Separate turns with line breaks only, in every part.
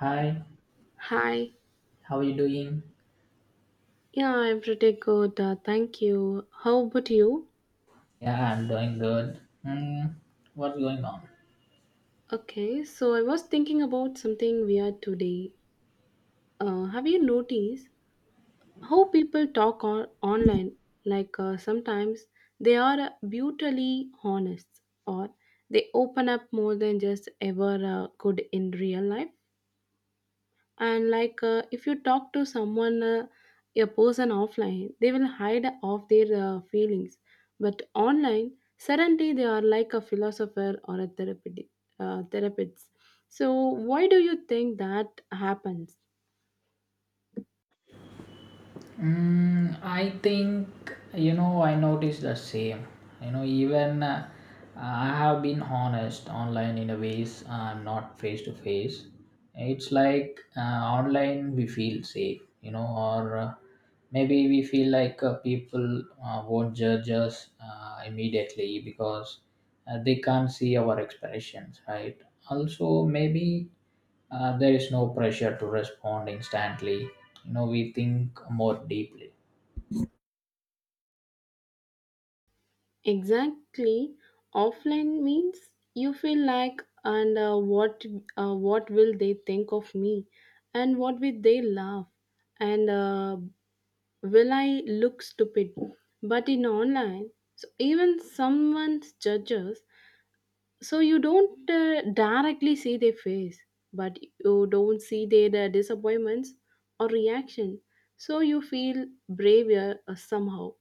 Hi,
Hi.
how are you doing?
Yeah, I'm pretty good. Thank you. How about you?
Yeah, I'm doing good. Hmm, what's going on?
Okay, so I was thinking about something weird today. Have you noticed how people talk online? Sometimes they are brutally honest, or they open up more than just ever could in real life. And if you talk to someone, a person offline, they will hide off their feelings, but online suddenly they are like a philosopher or a therapeutic therapist. So why do you think that happens?
Mm, I think I noticed the same. You know, even I have been honest online in a ways I'm not face to face. It's like online we feel safe, you know, or maybe we feel like people won't judge us immediately because they can't see our expressions, right? Also, maybe there is no pressure to respond instantly. We think more deeply.
Exactly. Offline means you feel like, and what what will they think of me, and what will they laugh, and will I look stupid? But in online, so even someone judges, so you don't directly see their face, but you don't see their disappointments or reaction. So you feel braver somehow.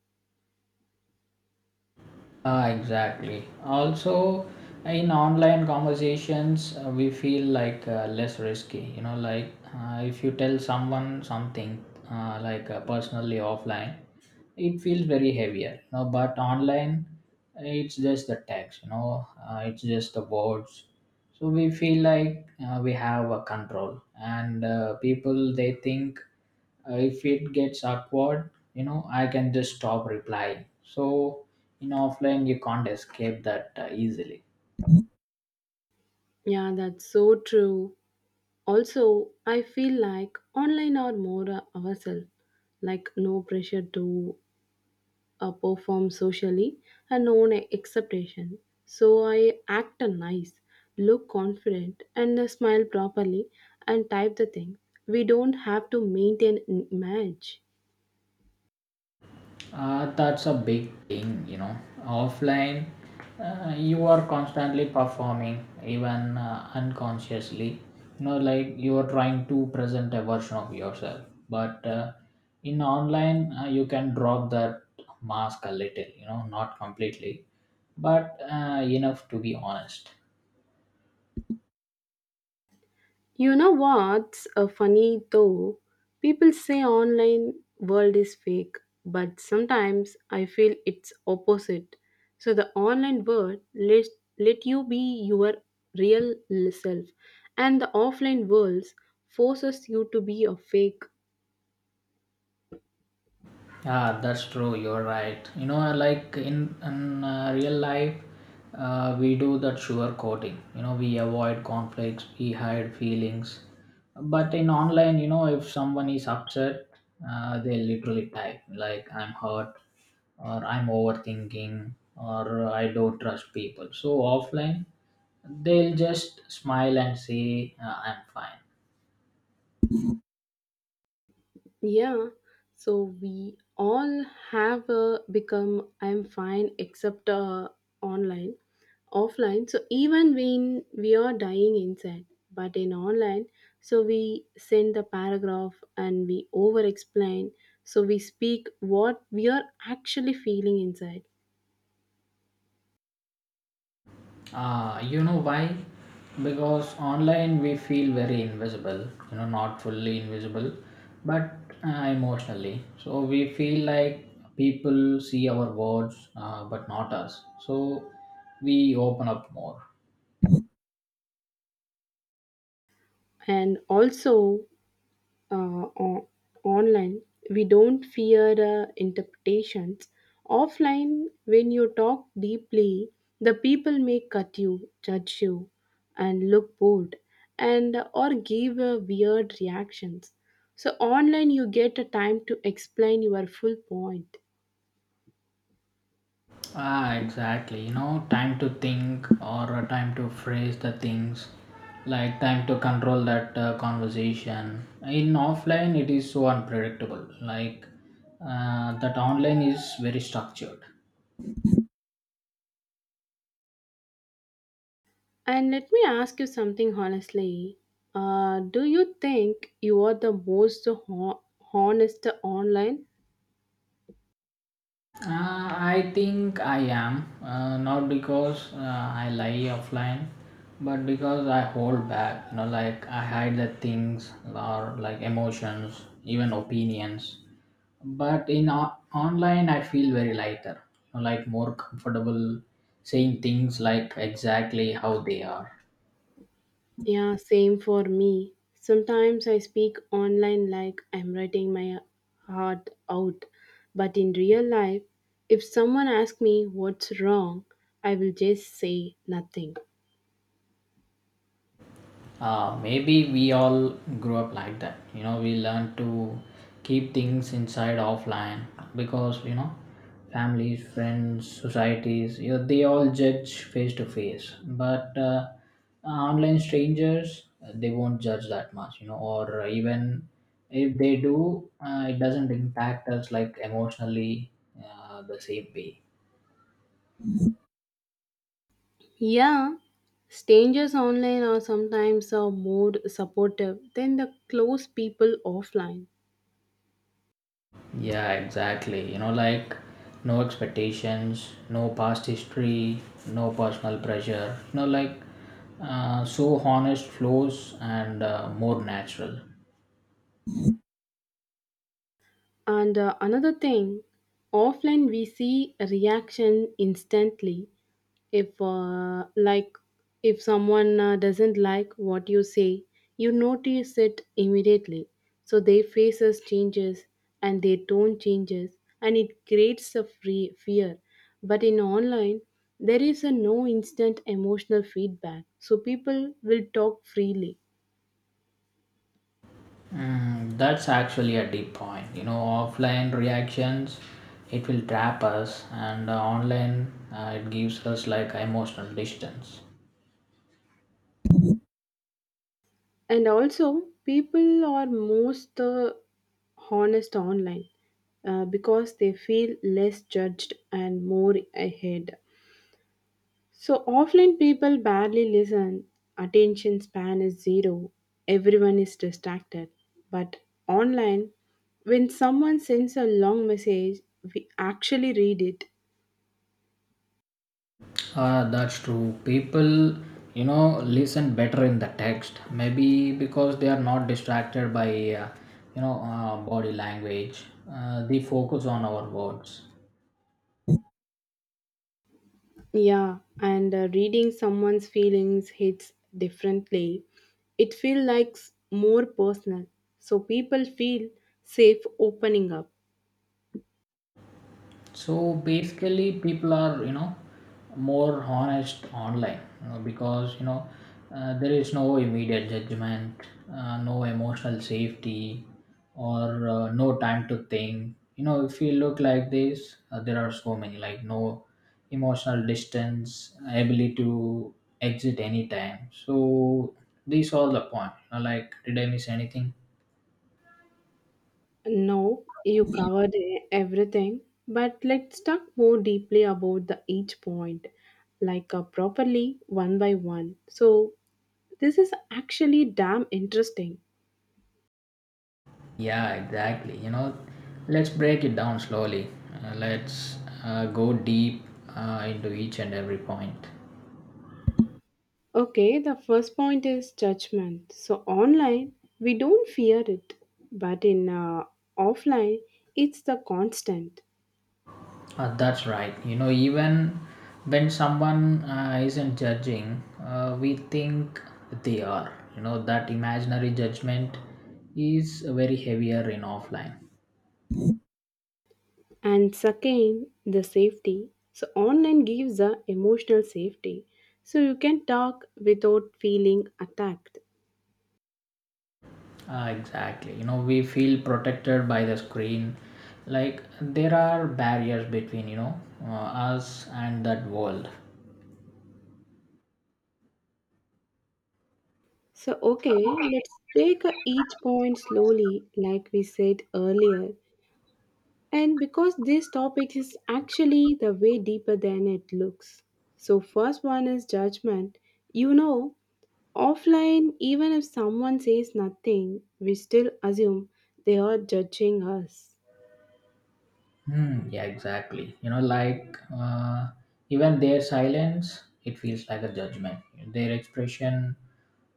Ah, exactly. Also, in online conversations, we feel like less risky. You know, like if you tell someone something, like personally offline, it feels very heavier. You know, but online, it's just the text. It's just the words. So we feel like we have a control, and people they think. If it gets awkward, you know, I can just stop replying. So in offline, you can't escape that easily.
Yeah, that's so true. Also, I feel like online are more ourselves, like no pressure to perform socially and own acceptation. So I act a nice, look confident, and smile properly and type the thing. We don't have to maintain an image.
That's a big thing, you know. Offline, you are constantly performing, even unconsciously. You know, like you are trying to present a version of yourself. But in online, you can drop that mask a little, you know, not completely, but enough to be honest.
You know what's funny though? People say online world is fake, but sometimes I feel it's opposite. So the online world let you be your real self, and the offline worlds forces you to be a fake.
Yeah, that's true. You're right. You know, like in real life, we do that sugar coating. You know, we avoid conflicts, we hide feelings. But in online, you know, if someone is upset, they literally type like "I'm hurt" or "I'm overthinking" or "I don't trust people." So offline, they'll just smile and say "I'm fine."
Yeah, so we all have become I'm fine except online, offline. So even when we are dying inside, but in online, so we send the paragraph and we over explain. So we speak what we are actually feeling inside.
You know why? Because online we feel very invisible, you know, not fully invisible, but uh, emotionally. So we feel like people see our words, but not us. So we open up more.
And also, uh, o- online we don't fear interpretations offline. When you talk deeply, the people may cut you, judge you, and look bored, and or give weird reactions. So online you get a time to explain your full point.
Ah, exactly. You know, time to think or a time to phrase the things, like time to control that conversation. In offline, it is so unpredictable. Like that online is very structured.
And let me ask you something honestly. Do you think you are the most honest online?
I think I am. Not because I lie offline, but because I hold back. You know, like I hide the things or like emotions, even opinions. But in online, I feel very lighter. You know, like more comfortable saying things like exactly how they are.
Yeah, same for me. Sometimes I speak online like I'm writing my heart out. But in real life, if someone asks me what's wrong, I will just say nothing.
Maybe we all grew up like that. You know, we learn to keep things inside offline because you know families friends societies you know, they all judge face to face but online strangers they won't judge that much. You know, or even if they do it doesn't impact us like emotionally the same way.
Yeah, strangers online are sometimes more supportive than the close people offline.
Yeah, exactly. You know, like no expectations, no past history, no personal pressure. You know, like so honest flows and more natural.
And another thing, offline we see a reaction instantly. If like if someone doesn't like what you say, you notice it immediately, so their faces changes and their tone changes, and it creates a free fear. But in online, there is a no instant emotional feedback, so people will talk freely.
Mm, that's actually a deep point. You know, offline reactions, it will trap us, and online, it gives us like emotional distance.
And also people are most honest online because they feel less judged and more ahead. So offline people barely listen. Attention span is zero. Everyone is distracted. But online, when someone sends a long message, we actually read it.
That's true. People, you know, listen better in the text. Maybe because they are not distracted by, body language. They focus on our words.
Yeah, and reading someone's feelings hits differently. It feels like more personal. So people feel safe opening up.
So basically people are you know more honest online you know, because you know there is no immediate judgment, no emotional safety, or no time to think. You know, if you look like this there are so many like no emotional distance ability to exit anytime. So these are the point, you know, like did I miss anything?
No, you covered everything, but let's talk more deeply about the each point, like properly one by one. So this is actually damn interesting.
Yeah, exactly. You know, let's break it down slowly. Let's go deep into each and every point.
Okay, the first point is judgment. So online, we don't fear it, but in offline, it's the constant.
That's right. You know, even when someone isn't judging, we think they are. You know, that imaginary judgment is very heavier in offline.
And second, the safety. So online gives the emotional safety. So you can talk without feeling attacked.
Ah, exactly. You know, we feel protected by the screen. Like there are barriers between you know us and that world.
So, okay, let's take each point slowly, like we said earlier. And because this topic is actually the way deeper than it looks. So, first one is judgment. You know, offline, even if someone says nothing, we still assume they are judging us.
Hmm. Yeah, exactly. You know, like even their silence, it feels like a judgment. Their expression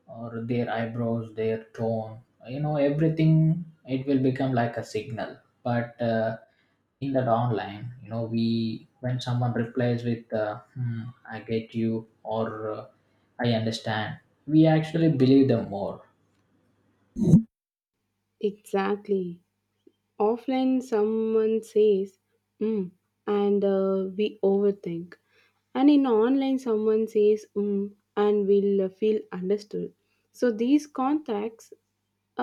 or their eyebrows, their tone, you know, everything, it will become like a signal. But in that online, you know, we when someone replies with hmm, "I get you" or "I understand," we actually believe them more.
Exactly. Offline, someone says, mm, and we overthink. And in online someone says mm, and will feel understood. So these contacts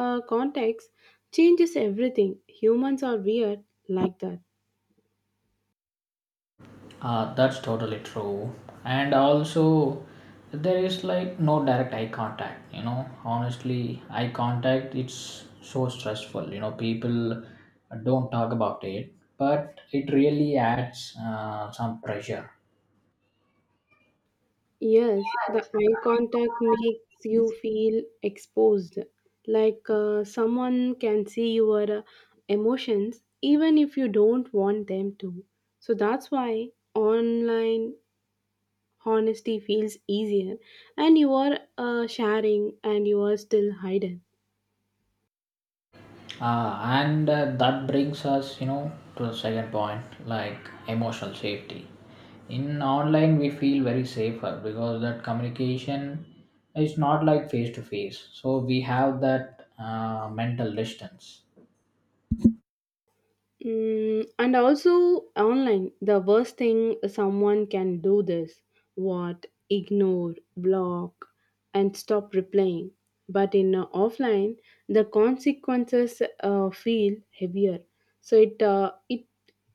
uh, contacts changes everything. Humans are weird like that.
That's totally true. And also, there is like no direct eye contact. You know, honestly, eye contact it's so stressful. You know, people don't talk about it, but it really adds some pressure.
Yes, the eye contact makes you feel exposed, like someone can see your emotions even if you don't want them to. So that's why online honesty feels easier, and you are sharing and you are still hidden.
And That brings us, you know, to the second point, like emotional safety. In online, we feel very safer because that communication is not like face to face. So we have that mental distance.
Mm, and also online, the worst thing someone can do this what ignore, block, and stop replying. But in offline, the consequences feel heavier. So it uh, it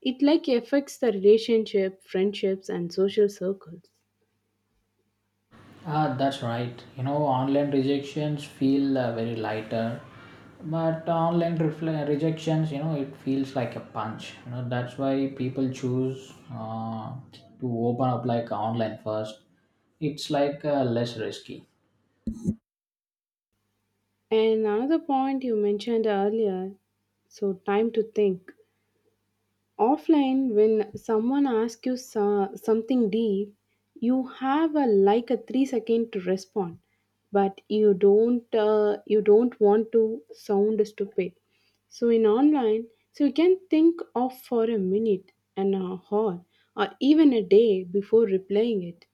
it like affects the relationship, friendships, and social circles.
Ah, that's right. You know, online rejections feel very lighter, but online rejections, you know, it feels like a punch. You know, that's why people choose to open up like online first. It's like less risky.
And another point you mentioned earlier, so time to think. Offline, when someone asks you something deep, you have a like a 3 second to respond, but you don't want to sound stupid. So in online, so you can think of for a minute, an hour, or even a day before replying it.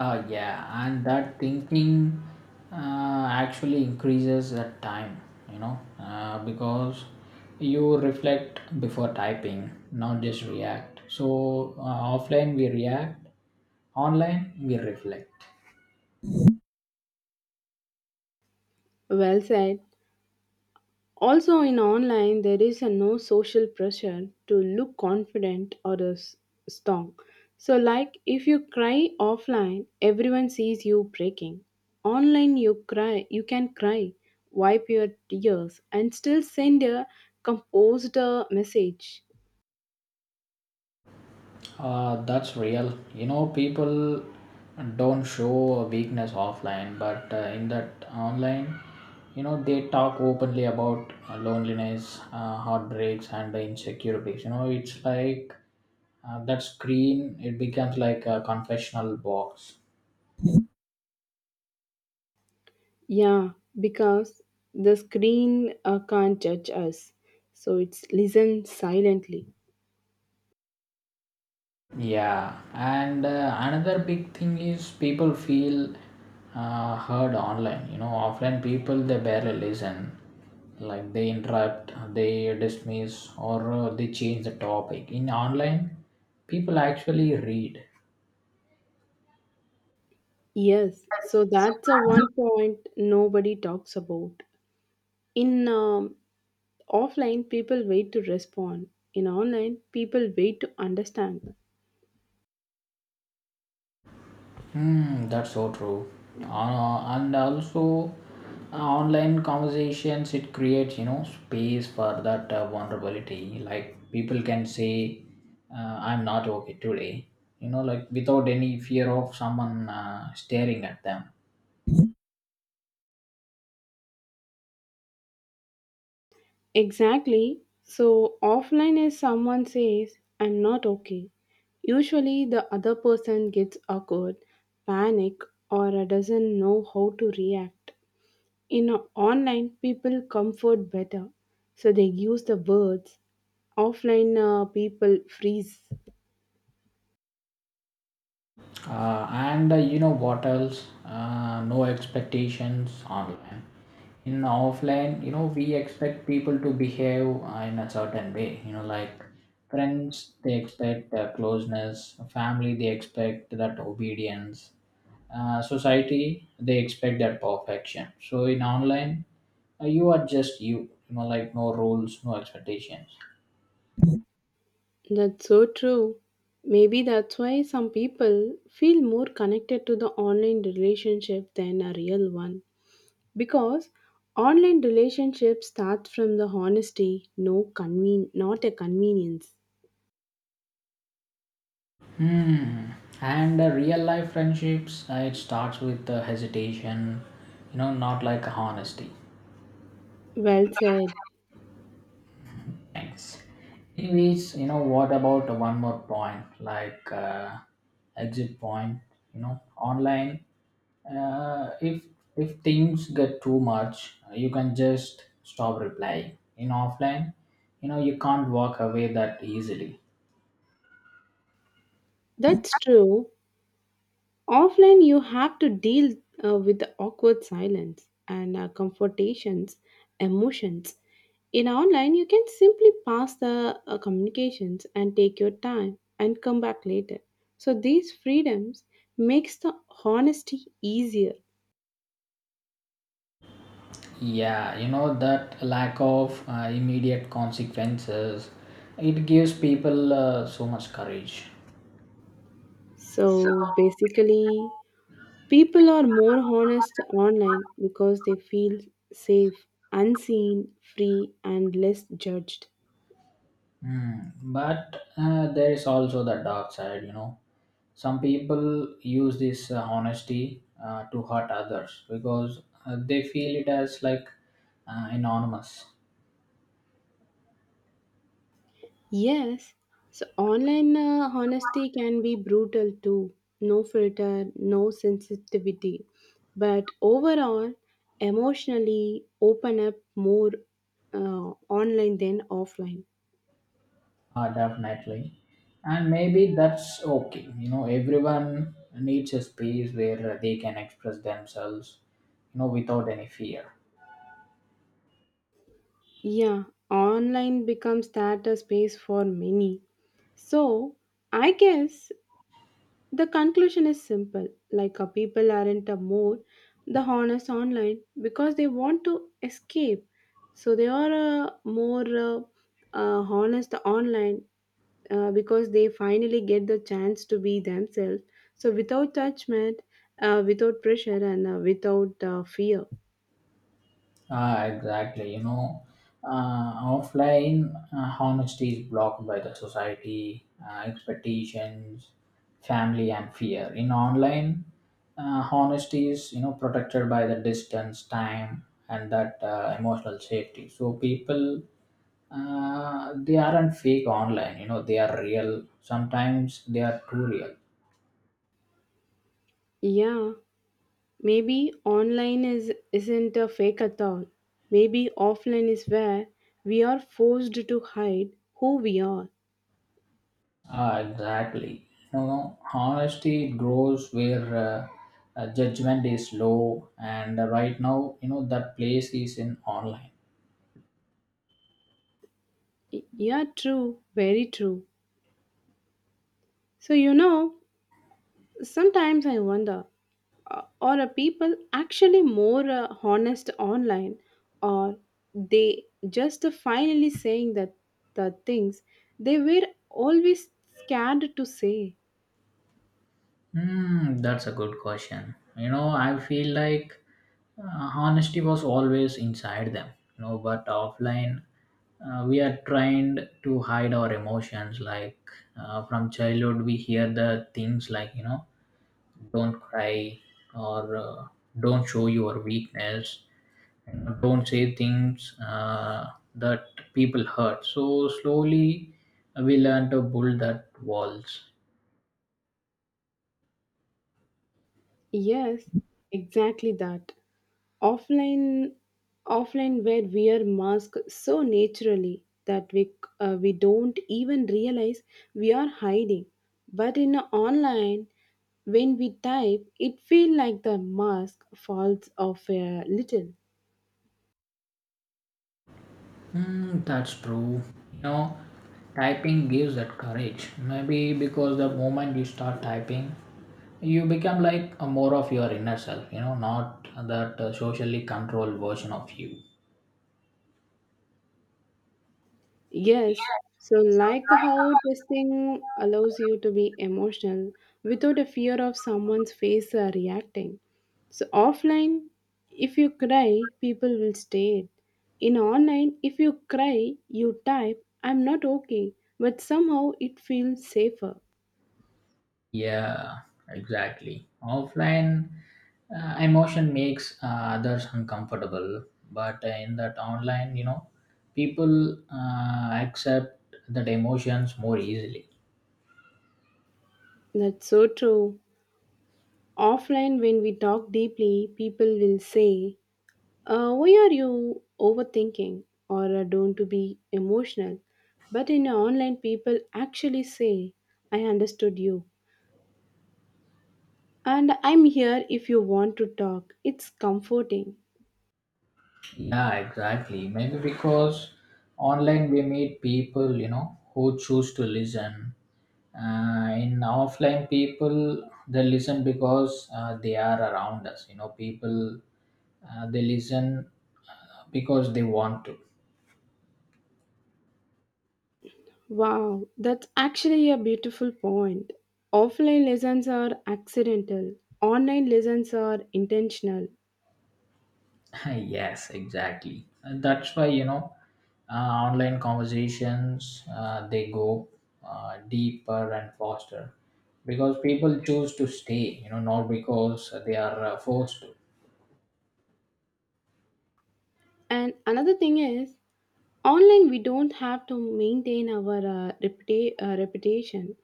Yeah, and that thinking actually increases that time, you know, because you reflect before typing, not just react. So, offline we react, online we reflect.
Well said. Also, in online, there is a no social pressure to look confident or strong. So, like if you cry offline, everyone sees you breaking. Online, you can cry, wipe your tears, and still send a composed message.
That's real. You know, people don't show weakness offline, but in that online, you know, they talk openly about loneliness, heartbreaks, and insecurities. You know, it's like that screen, it becomes like a confessional box.
Yeah, because the screen can't judge us, so it's listen silently.
Yeah, and another big thing is people feel heard online. You know, offline people they barely listen, like they interrupt, they dismiss, or they change the topic. In online, people actually read.
Yes, so that's a one point nobody talks about. In offline, people wait to respond. In online, people wait to understand.
Mm, that's so true. And also, online conversations it creates you know space for that vulnerability. Like people can say, "I'm not okay today," you know, like without any fear of someone staring at them.
Exactly. So, offline is someone says, I'm not okay. Usually, the other person gets awkward, panic, or doesn't know how to react. In online, people comfort better, so they use the words. Offline, people freeze.
And You know what else? No expectations online. In offline, you know, we expect people to behave in a certain way. You know, like friends, they expect closeness, family, they expect that obedience, society, they expect that perfection. So in online, you are just you, you know, like no rules, no expectations.
That's so true. Maybe that's why some people feel more connected to the online relationship than a real one. Because online relationships start from the honesty, no not a convenience.
Hmm. And real life friendships, it starts with hesitation, you know, not like honesty.
Well said.
Thanks. Anyways, you know, what about one more point, like exit point, you know, online. Uh, if if things get too much, you can just stop replying. In offline, you know, you can't walk away that easily.
That's true. Offline, you have to deal with the awkward silence and confrontations, emotions. In online, you can simply pass the communications and take your time and come back later. So these freedoms makes the honesty easier.
Yeah, you know that lack of immediate consequences, it gives people so much courage. So,
So basically, people are more honest online because they feel safe, unseen, free and less judged.
Mm, but there is also the dark side, you know. Some people use this honesty to hurt others because they feel it as like anonymous.
Yes, so online honesty can be brutal too. No filter, no sensitivity. But overall, emotionally open up more online than offline.
Definitely. And maybe that's okay. You know, everyone needs a space where they can express themselves, you know, without any fear.
Yeah, online becomes that a space for many. So, I guess the conclusion is simple, like a people aren't a more the honest online because they want to escape. So they are more honest online because they finally get the chance to be themselves. So without judgment, without pressure, and without fear.
Ah, exactly. You know, offline honesty is blocked by the society, expectations, family, and fear. In online, honesty is, you know, protected by the distance, time, and that emotional safety. So people they aren't fake online. You know, they are real, sometimes they are too real.
Yeah, maybe online is isn't a fake at all. Maybe offline is where we are forced to hide who we are.
Ah exactly, you know, honesty grows where judgment is low and right now you know that place is in online.
Yeah, true, very true. So, you know, sometimes I wonder, uh, are a people actually more honest online, or they just finally saying that the things they were always scared to say?
Hmm, that's a good question. You know, I feel like honesty was always inside them. You know, but offline, we are trained to hide our emotions. Like from childhood, we hear the things like you know, don't cry or don't show your weakness. You know, don't say things that people hurt. So slowly, we learn to build that walls.
Yes, exactly that. Offline offline where we are mask so naturally that we don't even realize we are hiding. But in online, when we type, it feels like the mask falls off a little.
Mm, that's true. You know, typing gives that courage. Maybe because the moment you start typing, you become like a more of your inner self, you know, not that socially controlled version of you.
Yes, so like how testing allows you to be emotional without a fear of someone's face reacting. So offline, if you cry, people will stare. In online, if you cry, you type, I'm not okay, but somehow it feels safer.
Yeah, exactly. Offline, emotion makes others uncomfortable, but in that online, you know, people accept that emotions more easily.
That's so true. Offline, when we talk deeply, people will say, why are you overthinking, or don't to be emotional? But in online, people actually say, I understood you. And I'm here if you want to talk. It's comforting.
Yeah, exactly. Maybe because online we meet people, you know, who choose to listen. In offline, people they listen because they are around us. You know, people they listen because they want to.
Wow, that's actually a beautiful point. Offline lessons are accidental, online lessons are intentional.
Yes, exactly. And that's why you know, online conversations they go deeper and faster because people choose to stay. You know, not because they are forced to.
And another thing is, online we don't have to maintain our reputation.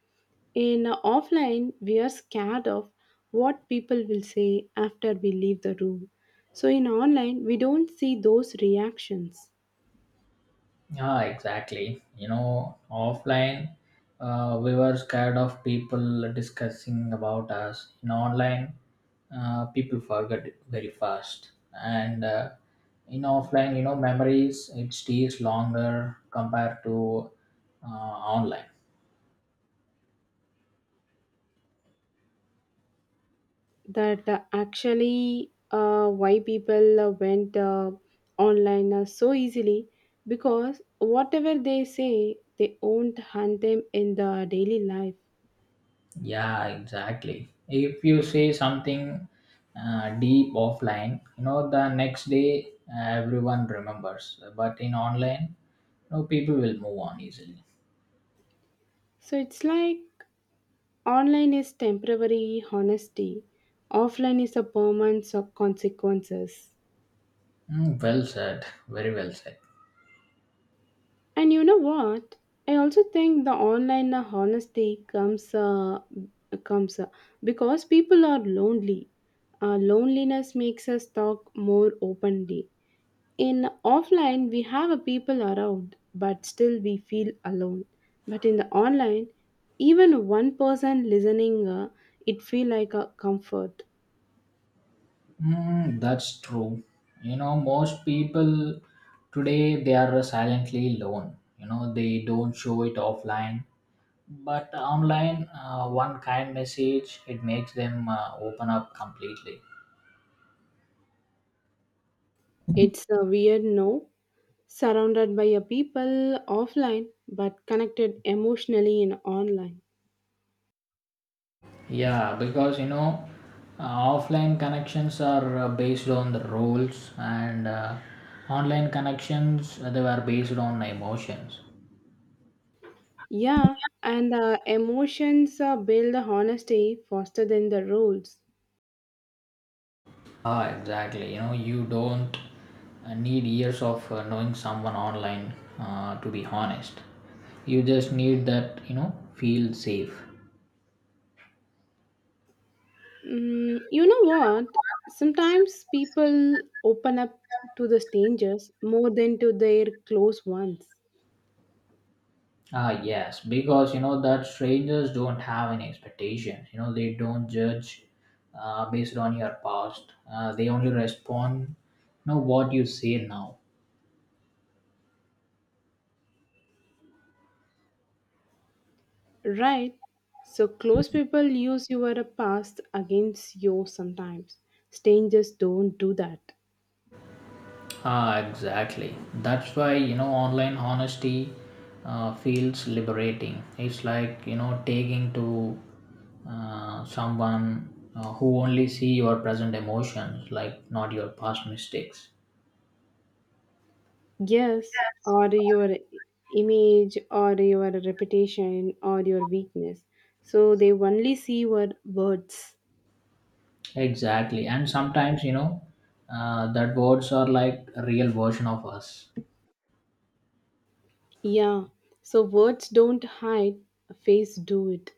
In offline, we are scared of what people will say after we leave the room. So in online, we don't see those reactions.
Ah, exactly. You know, offline, we were scared of people discussing about us. In online, people forget very fast. And in offline, you know, memories, it stays longer compared to online.
That actually why people went online so easily, because whatever they say, they won't hunt them in the daily life.
Yeah, exactly. If you say something deep offline, you know, the next day everyone remembers. But in online, no people will move on easily.
So it's like online is temporary honesty, offline is a permanence of consequences.
Mm, well said. Very well said.
And you know what? I also think the online honesty comes because people are lonely. Loneliness makes us talk more openly. In offline, we have a people around, but still we feel alone. But in the online, even one person listening, it feel like a comfort.
Mm, that's true. You know, most people today they are silently alone. You know, they don't show it offline, but online, one kind message it makes them open up completely.
It's a weird no, surrounded by a people offline, but connected emotionally in online.
Yeah, because you know, offline connections are based on the roles, and online connections they were based on emotions.
Yeah, and emotions build honesty faster than the rules.
Ah, exactly. You know, you don't need years of knowing someone online, to be honest. You just need that, you know, feel safe.
Mm, you know what? Sometimes people open up to the strangers more than to their close ones,
Ah, yes, because you know that strangers don't have any expectations. You know, they don't judge based on your past. They only respond, you know, what you say now.
right? So, close people use your past against you sometimes. Strangers don't do that.
Ah, exactly. That's why, you know, online honesty feels liberating. It's like, you know, taking to someone who only see your present emotions, like not your past mistakes.
Yes, or your image, or your reputation, or your weakness. So, they only see your words.
Exactly. And sometimes, you know, that words are like a real version of us.
Yeah, so words don't hide, a face do it.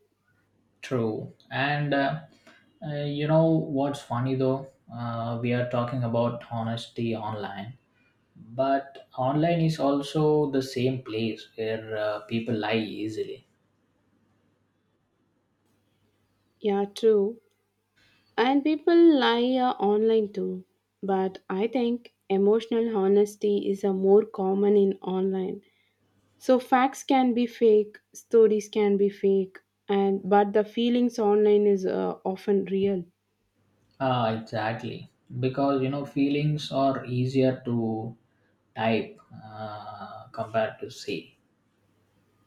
True. And you know what's funny though? We are talking about honesty online, but online is also the same place where people lie easily.
Yeah, true. And people lie online too. But I think emotional honesty is a more common in online. So facts can be fake, stories can be fake, and but the feelings online is often real.
Ah exactly, because you know feelings are easier to type compared to say.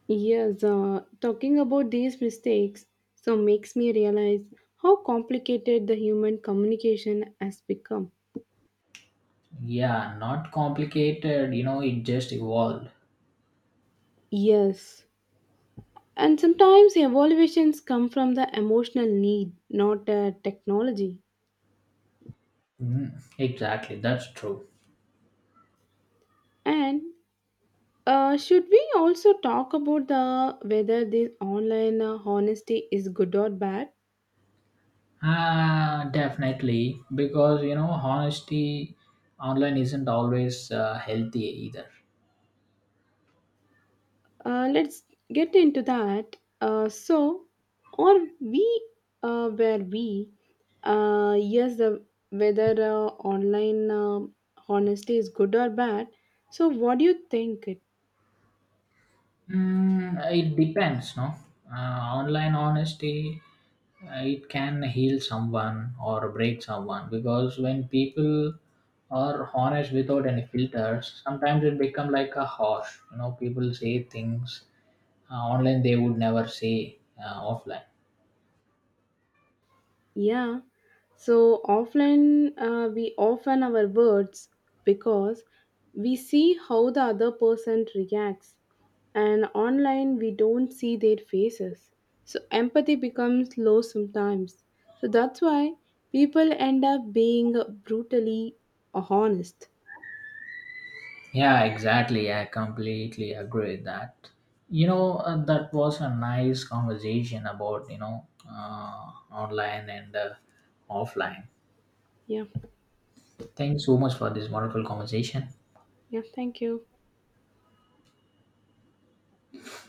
Yes, talking about these mistakes so makes me realize how complicated the human communication has become.
Yeah not complicated, you know it just evolved.
Yes. And sometimes the evaluations come from the emotional need, not the technology.
Mm, exactly, that's true.
And should we also talk about the whether this online honesty is good or bad?
Ah, definitely, because you know, honesty online isn't always healthy either.
Let's get into that. So, or we where we Yes, the whether online honesty is good or bad. So, what do you think?
Mm, it depends, no? Online honesty, it can heal someone or break someone because when people are honest without any filters, sometimes it become like a harsh. You know, people say things online they would never say offline.
Yeah, so offline we often our words because we see how the other person reacts, and online we don't see their faces. So empathy becomes low sometimes. So that's why people end up being brutally honest.
Yeah, exactly. I completely agree with that. You know, that was a nice conversation about, you know, online and offline.
Yeah,
Thanks so much for this wonderful conversation.
yeah, thank you.